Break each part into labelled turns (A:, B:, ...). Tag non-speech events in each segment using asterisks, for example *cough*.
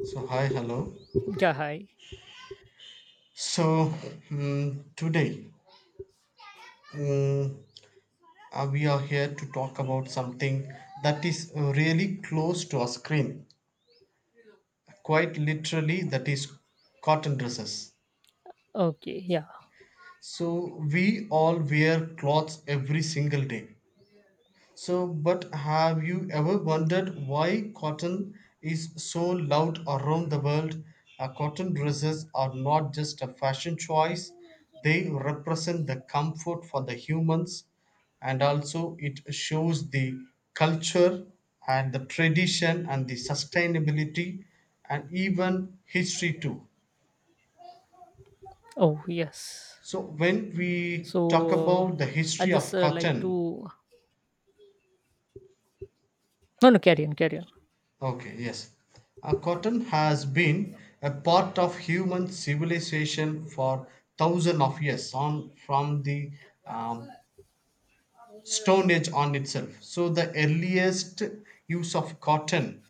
A: So, hi, hello.
B: Yeah, hi.
A: So, mm, today mm, we are here to talk about something that is really close to our screen, quite literally, that is cotton dresses.
B: Okay, yeah.
A: So, we all wear clothes every single day. But have you ever wondered why cotton is so loud around the world? Cotton dresses are not just a fashion choice, they represent the comfort for the humans, and also it shows the culture and the tradition and the sustainability and even history too.
B: Oh, yes.
A: So, when we
B: So
A: talk
B: uh,
A: about the
B: I'll
A: history
B: just
A: of
B: like
A: cotton,
B: to. No, no, carry on, carry on.
A: okay, yes, cotton has been a part of human civilization for thousands of years, on from the um, Stone Age on itself. So the earliest use of cotton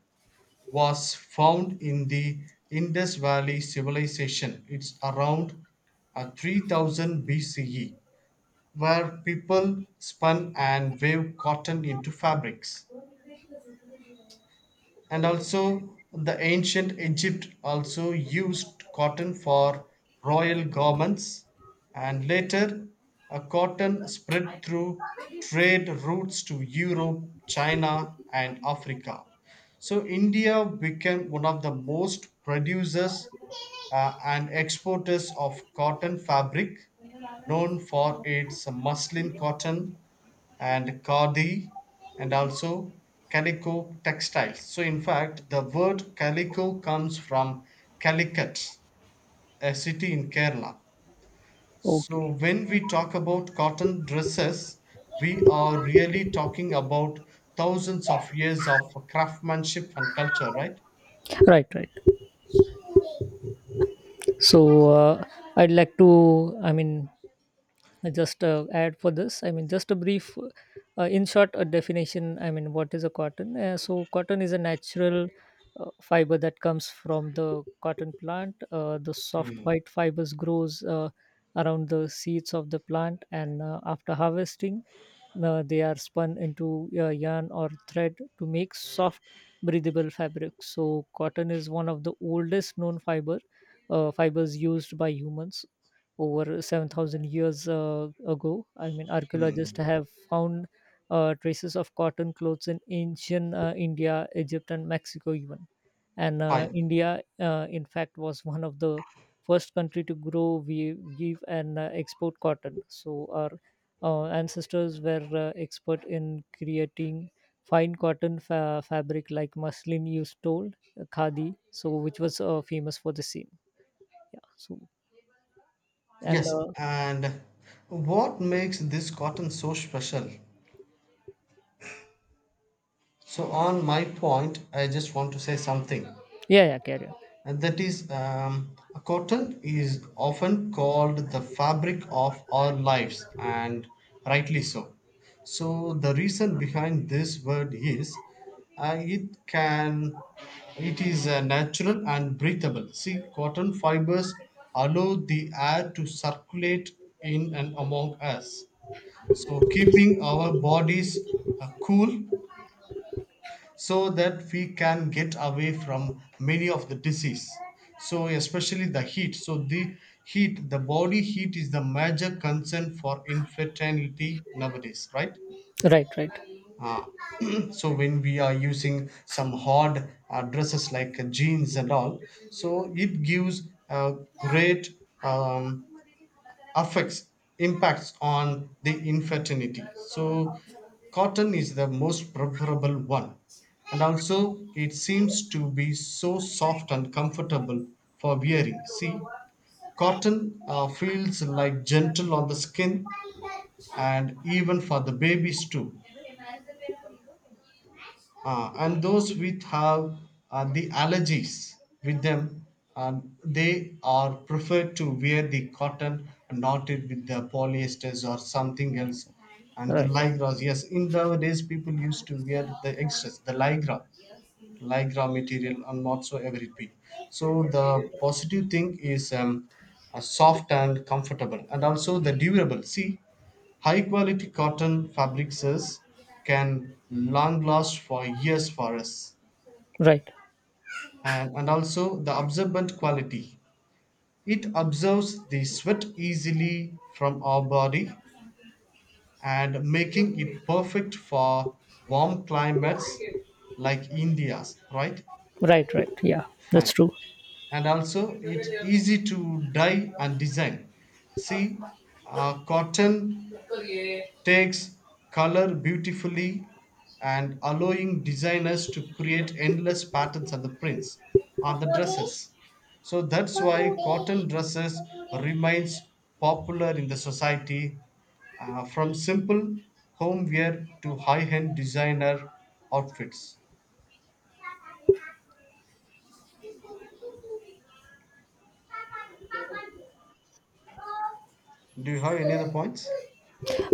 A: was found in the Indus Valley civilization. It's around 3000 BCE, where people spun and wove cotton into fabrics. And also the ancient Egypt also used cotton for royal garments, and later cotton spread through trade routes to Europe, China, and Africa. So India became one of the most producers and exporters of cotton fabric, known for its muslin cotton and khadi and also calico textiles. So in fact the word calico comes from Calicut, a city in Kerala. So
B: Okay.
A: when we talk about cotton dresses, we are really talking about thousands of years of craftsmanship and culture, right?
B: Right, right. So uh, I'd like to, I mean, I just add for this, just a brief in short a definition, what is a cotton. So cotton is a natural fiber that comes from the cotton plant. The soft white fibers grows around the seeds of the plant, and after harvesting they are spun into yarn or thread to make soft, breathable fabric. So cotton is one of the oldest known fibers used by humans over 7,000 years ago. I mean, archaeologists
A: Hmm.
B: have found traces of cotton clothes in ancient India, Egypt, and Mexico, even. And
A: Fine.
B: India, in fact, was one of the first country to grow, we give, and export cotton. So our ancestors were expert in creating fine cotton fabric like muslin you told, khadi, so which was famous for the same. Yeah. So and
A: Yes. And what makes this cotton so special? So, on my point, I just want to say something.
B: Yeah, yeah, carry on.
A: And that is, a cotton is often called the fabric of our lives, and rightly so. So the reason behind this word is, it can it is natural and breathable. See, cotton fibers allow the air to circulate in and among us, so keeping our bodies cool, so that we can get away from many of the disease, so especially the heat. So the heat, the body heat is the major concern for infertility nowadays, right?
B: Right, right,
A: Ah, *clears throat* so when we are using some hard dresses like jeans and all, so it gives a great um, affects impacts on the infertility. So cotton is the most preferable one, and also it seems to be so soft and comfortable for wearing. See, cotton feels like gentle on the skin, and even for the babies too, and those with have the allergies with them. They are preferred to wear the cotton and not it with the polyesters or something else, and the
B: right,
A: ligras. Yes, in nowadays people used to wear the extras, the lycra material and whatsoever it be. So the positive thing is, soft and comfortable, and also the durable. See, high quality cotton fabrics can long last for years for us.
B: right,
A: And also the absorbent quality. It absorbs the sweat easily from our body and making it perfect for warm climates like India's, right?
B: right, right. Yeah,
A: Fine.
B: that's true.
A: And also it's easy to dye and design. See, cotton takes color beautifully, and allowing designers to create endless patterns on the prints on the dresses. So that's why cotton dresses remains popular in the society, from simple home wear to high-end designer outfits. Do you have any other points?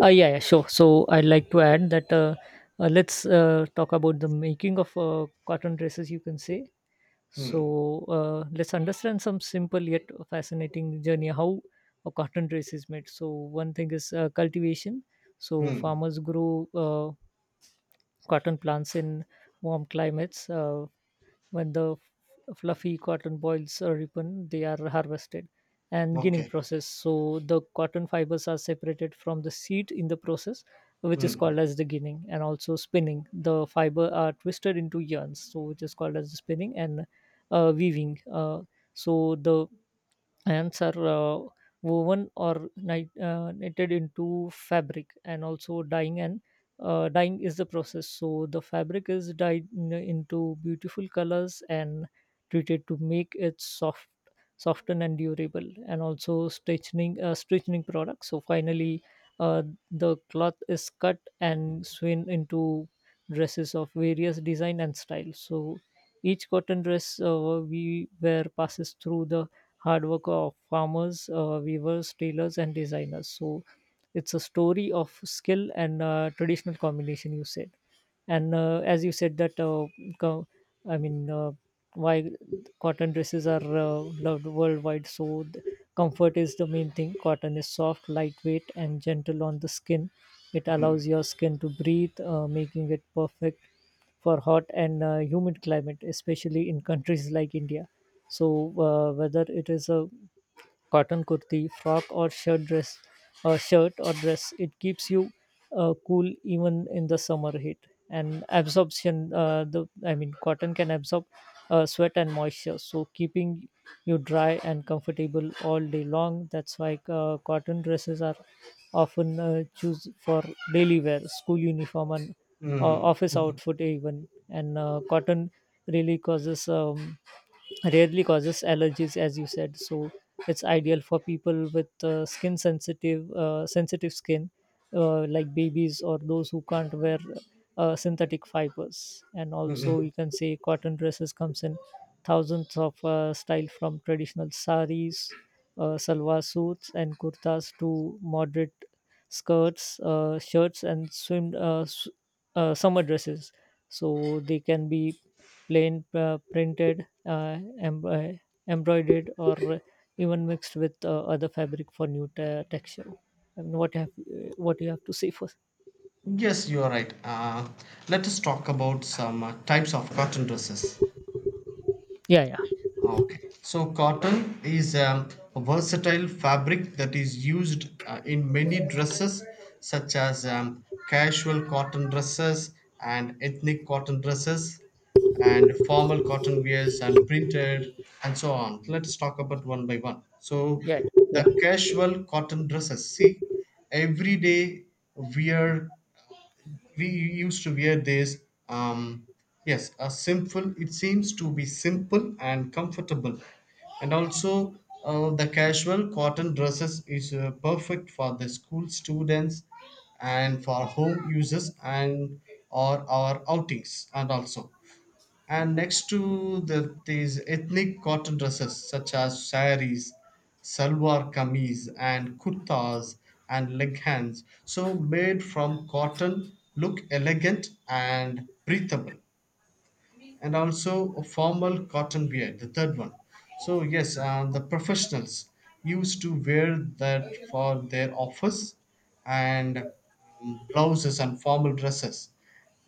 B: Yeah, yeah, sure. So I'd like to add that let's talk about the making of cotton dresses, you can say.
A: Hmm.
B: So let's understand some simple yet fascinating journey how a cotton dress is made. So, one thing is cultivation. So,
A: Hmm.
B: farmers grow cotton plants in warm climates. When the fluffy cotton balls are ripen, they are harvested, and ginning
A: Okay.
B: process. So the cotton fibers are separated from the seed in the process, which is
A: Hmm.
B: called as the ginning, and also spinning. The fiber are twisted into yarns, so which is called as the spinning, and weaving. So the Ants are woven or knitted into fabric, and also dyeing. And dyeing is the process. So the fabric is dyed into beautiful colors and treated to make it soft, soften and durable. And also stitching products. So finally, uh, the cloth is cut and sewn into dresses of various design and style. So each cotton dress we wear passes through the hard work of farmers, weavers, tailors, and designers. So it's a story of skill and traditional combination. You said, and as you said that, co- I mean, uh, why cotton dresses are loved worldwide. Comfort is the main thing. Cotton is soft, lightweight and gentle on the skin. It
A: Hmm.
B: allows your skin to breathe, making it perfect for hot and humid climate, especially in countries like India. So whether it is a cotton kurti, frock or shirt dress, shirt or dress, it keeps you cool even in the summer heat. And absorption, cotton can absorb sweat and moisture, so keeping you dry and comfortable all day long. That's why cotton dresses are often choose for daily wear, school uniform, and
A: Hmm.
B: office
A: Hmm. Hmm.
B: outfit even. And cotton really causes rarely causes allergies, as you said. So it's ideal for people with skin sensitive sensitive skin, like babies or those who can't wear synthetic fibers. And also
A: Hmm.
B: you can say cotton dresses comes in thousands of style, from traditional saris, salwar suits, and kurtas to moderate skirts, shirts, and summer dresses. So they can be plain, printed, embroidered, or even mixed with other fabric for new texture. I mean, what you have to say first?
A: Yes, you are right. Let us talk about some types of cotton dresses.
B: Yeah, yeah,
A: Okay. So, cotton is a versatile fabric that is used in many dresses, such as casual cotton dresses and ethnic cotton dresses, and formal cotton wears and printed, and so on. Let's talk about one by one. So,
B: yeah, yeah.
A: the casual cotton dresses. See, everyday wear we used to wear this. um, yes, a simple, it seems to be simple and comfortable, and also the casual cotton dresses is perfect for the school students and for home uses, and or our outings and also. And next to the these ethnic cotton dresses such as saris, salwar kameez and kurtas and leghans, so made from cotton look elegant and breathable. And also a formal cotton beard, the third one. So, yes, the professionals used to wear that for their office and blouses and formal dresses.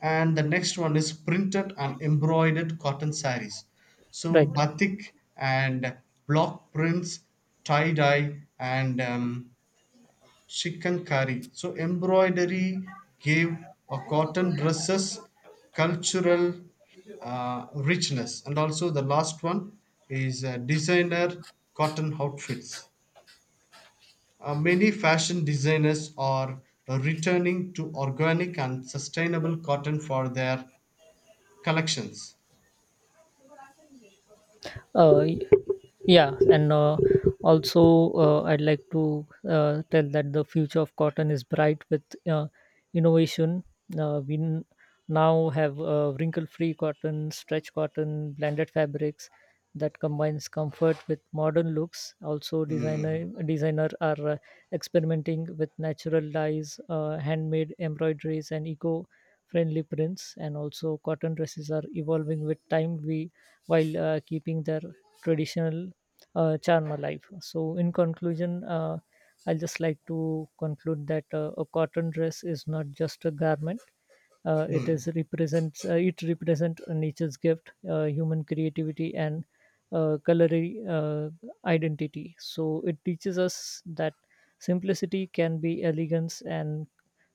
A: And the next one is printed and embroidered cotton sarees. So,
B: Right.
A: batik and block prints, tie dye, and Shikankari. So embroidery gave a cotton dresses cultural richness. And also the last one is designer cotton outfits. Many fashion designers are returning to organic and sustainable cotton for their collections.
B: uh, y- yeah, and also I'd like to tell that the future of cotton is bright with uh, innovation. uh, we n- Now have wrinkle free cotton, stretch cotton, blended fabrics that combines comfort with modern looks. Also designer
A: Mm.
B: designer are experimenting with natural dyes, handmade embroideries and eco friendly prints. And also cotton dresses are evolving with time, we while keeping their traditional charm alive. So, in conclusion, I'll just like to conclude that a cotton dress is not just a garment.
A: Mm.
B: It represents nature's gift, human creativity, and culinary identity. So it teaches us that simplicity can be elegance and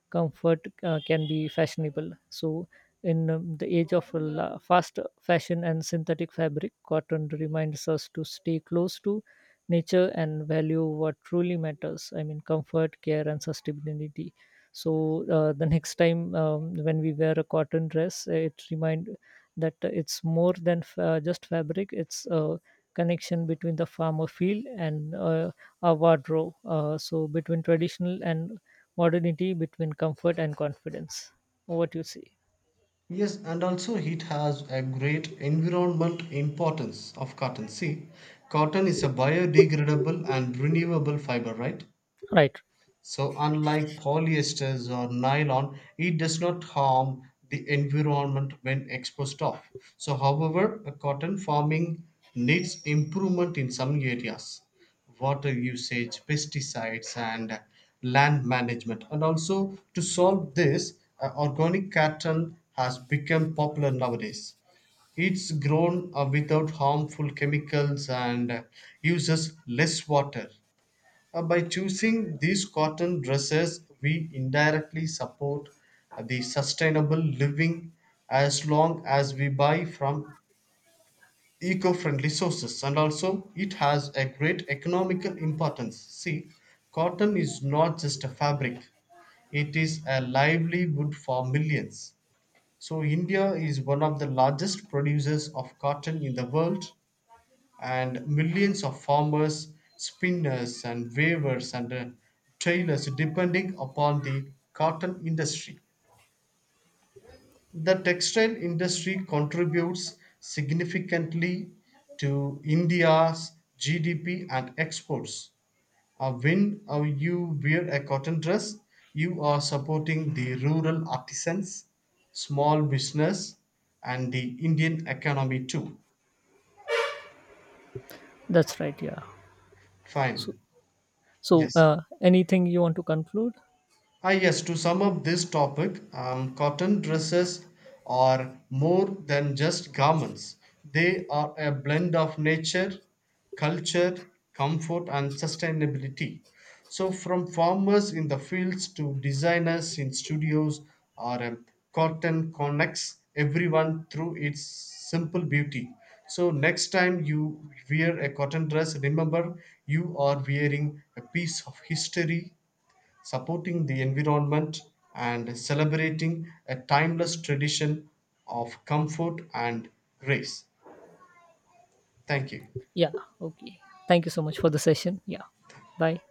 B: comfort can be fashionable. So in the age of fast fashion and synthetic fabric, cotton reminds us to stay close to nature and value what truly matters. I mean, comfort, care, and sustainability. So the next time when we wear a cotton dress, it remind that it's more than just fabric. It's a connection between the farmer field and our wardrobe. So between traditional and modernity, between comfort and confidence. What you see?
A: Yes, and also it has a great environment importance of cotton. See, cotton is a biodegradable and renewable fiber, right?
B: Right.
A: So, unlike polyesters or nylon, it does not harm the environment when exposed off. So, however, a cotton farming needs improvement in some areas: water usage, pesticides, and land management. And also, to solve this, organic cotton has become popular nowadays. It's grown without harmful chemicals, and uses less water. By choosing these cotton dresses, we indirectly support the sustainable living, as long as we buy from eco friendly sources. And also, it has a great economical importance. See, cotton is not just a fabric, it is a livelihood for millions. So, India is one of the largest producers of cotton in the world, and millions of farmers, spinners, and weavers, and tailors depending upon the cotton industry. The textile industry contributes significantly to India's GDP and exports. When you wear a cotton dress, you are supporting the rural artisans, small business, and the Indian economy too.
B: That's right. Yeah. So,
A: Fine.
B: so
A: Yes.
B: uh, anything you want to conclude?
A: Ah, yes, to sum up this topic, cotton dresses are more than just garments. They are a blend of nature, culture, comfort, and sustainability. So, from farmers in the fields to designers in studios, our cotton connects everyone through its simple beauty. So, next time you wear a cotton dress, remember you are wearing a piece of history, supporting the environment, and celebrating a timeless tradition of comfort and grace. Thank you.
B: Yeah. Okay. Thank you so much for the session. Yeah. Bye.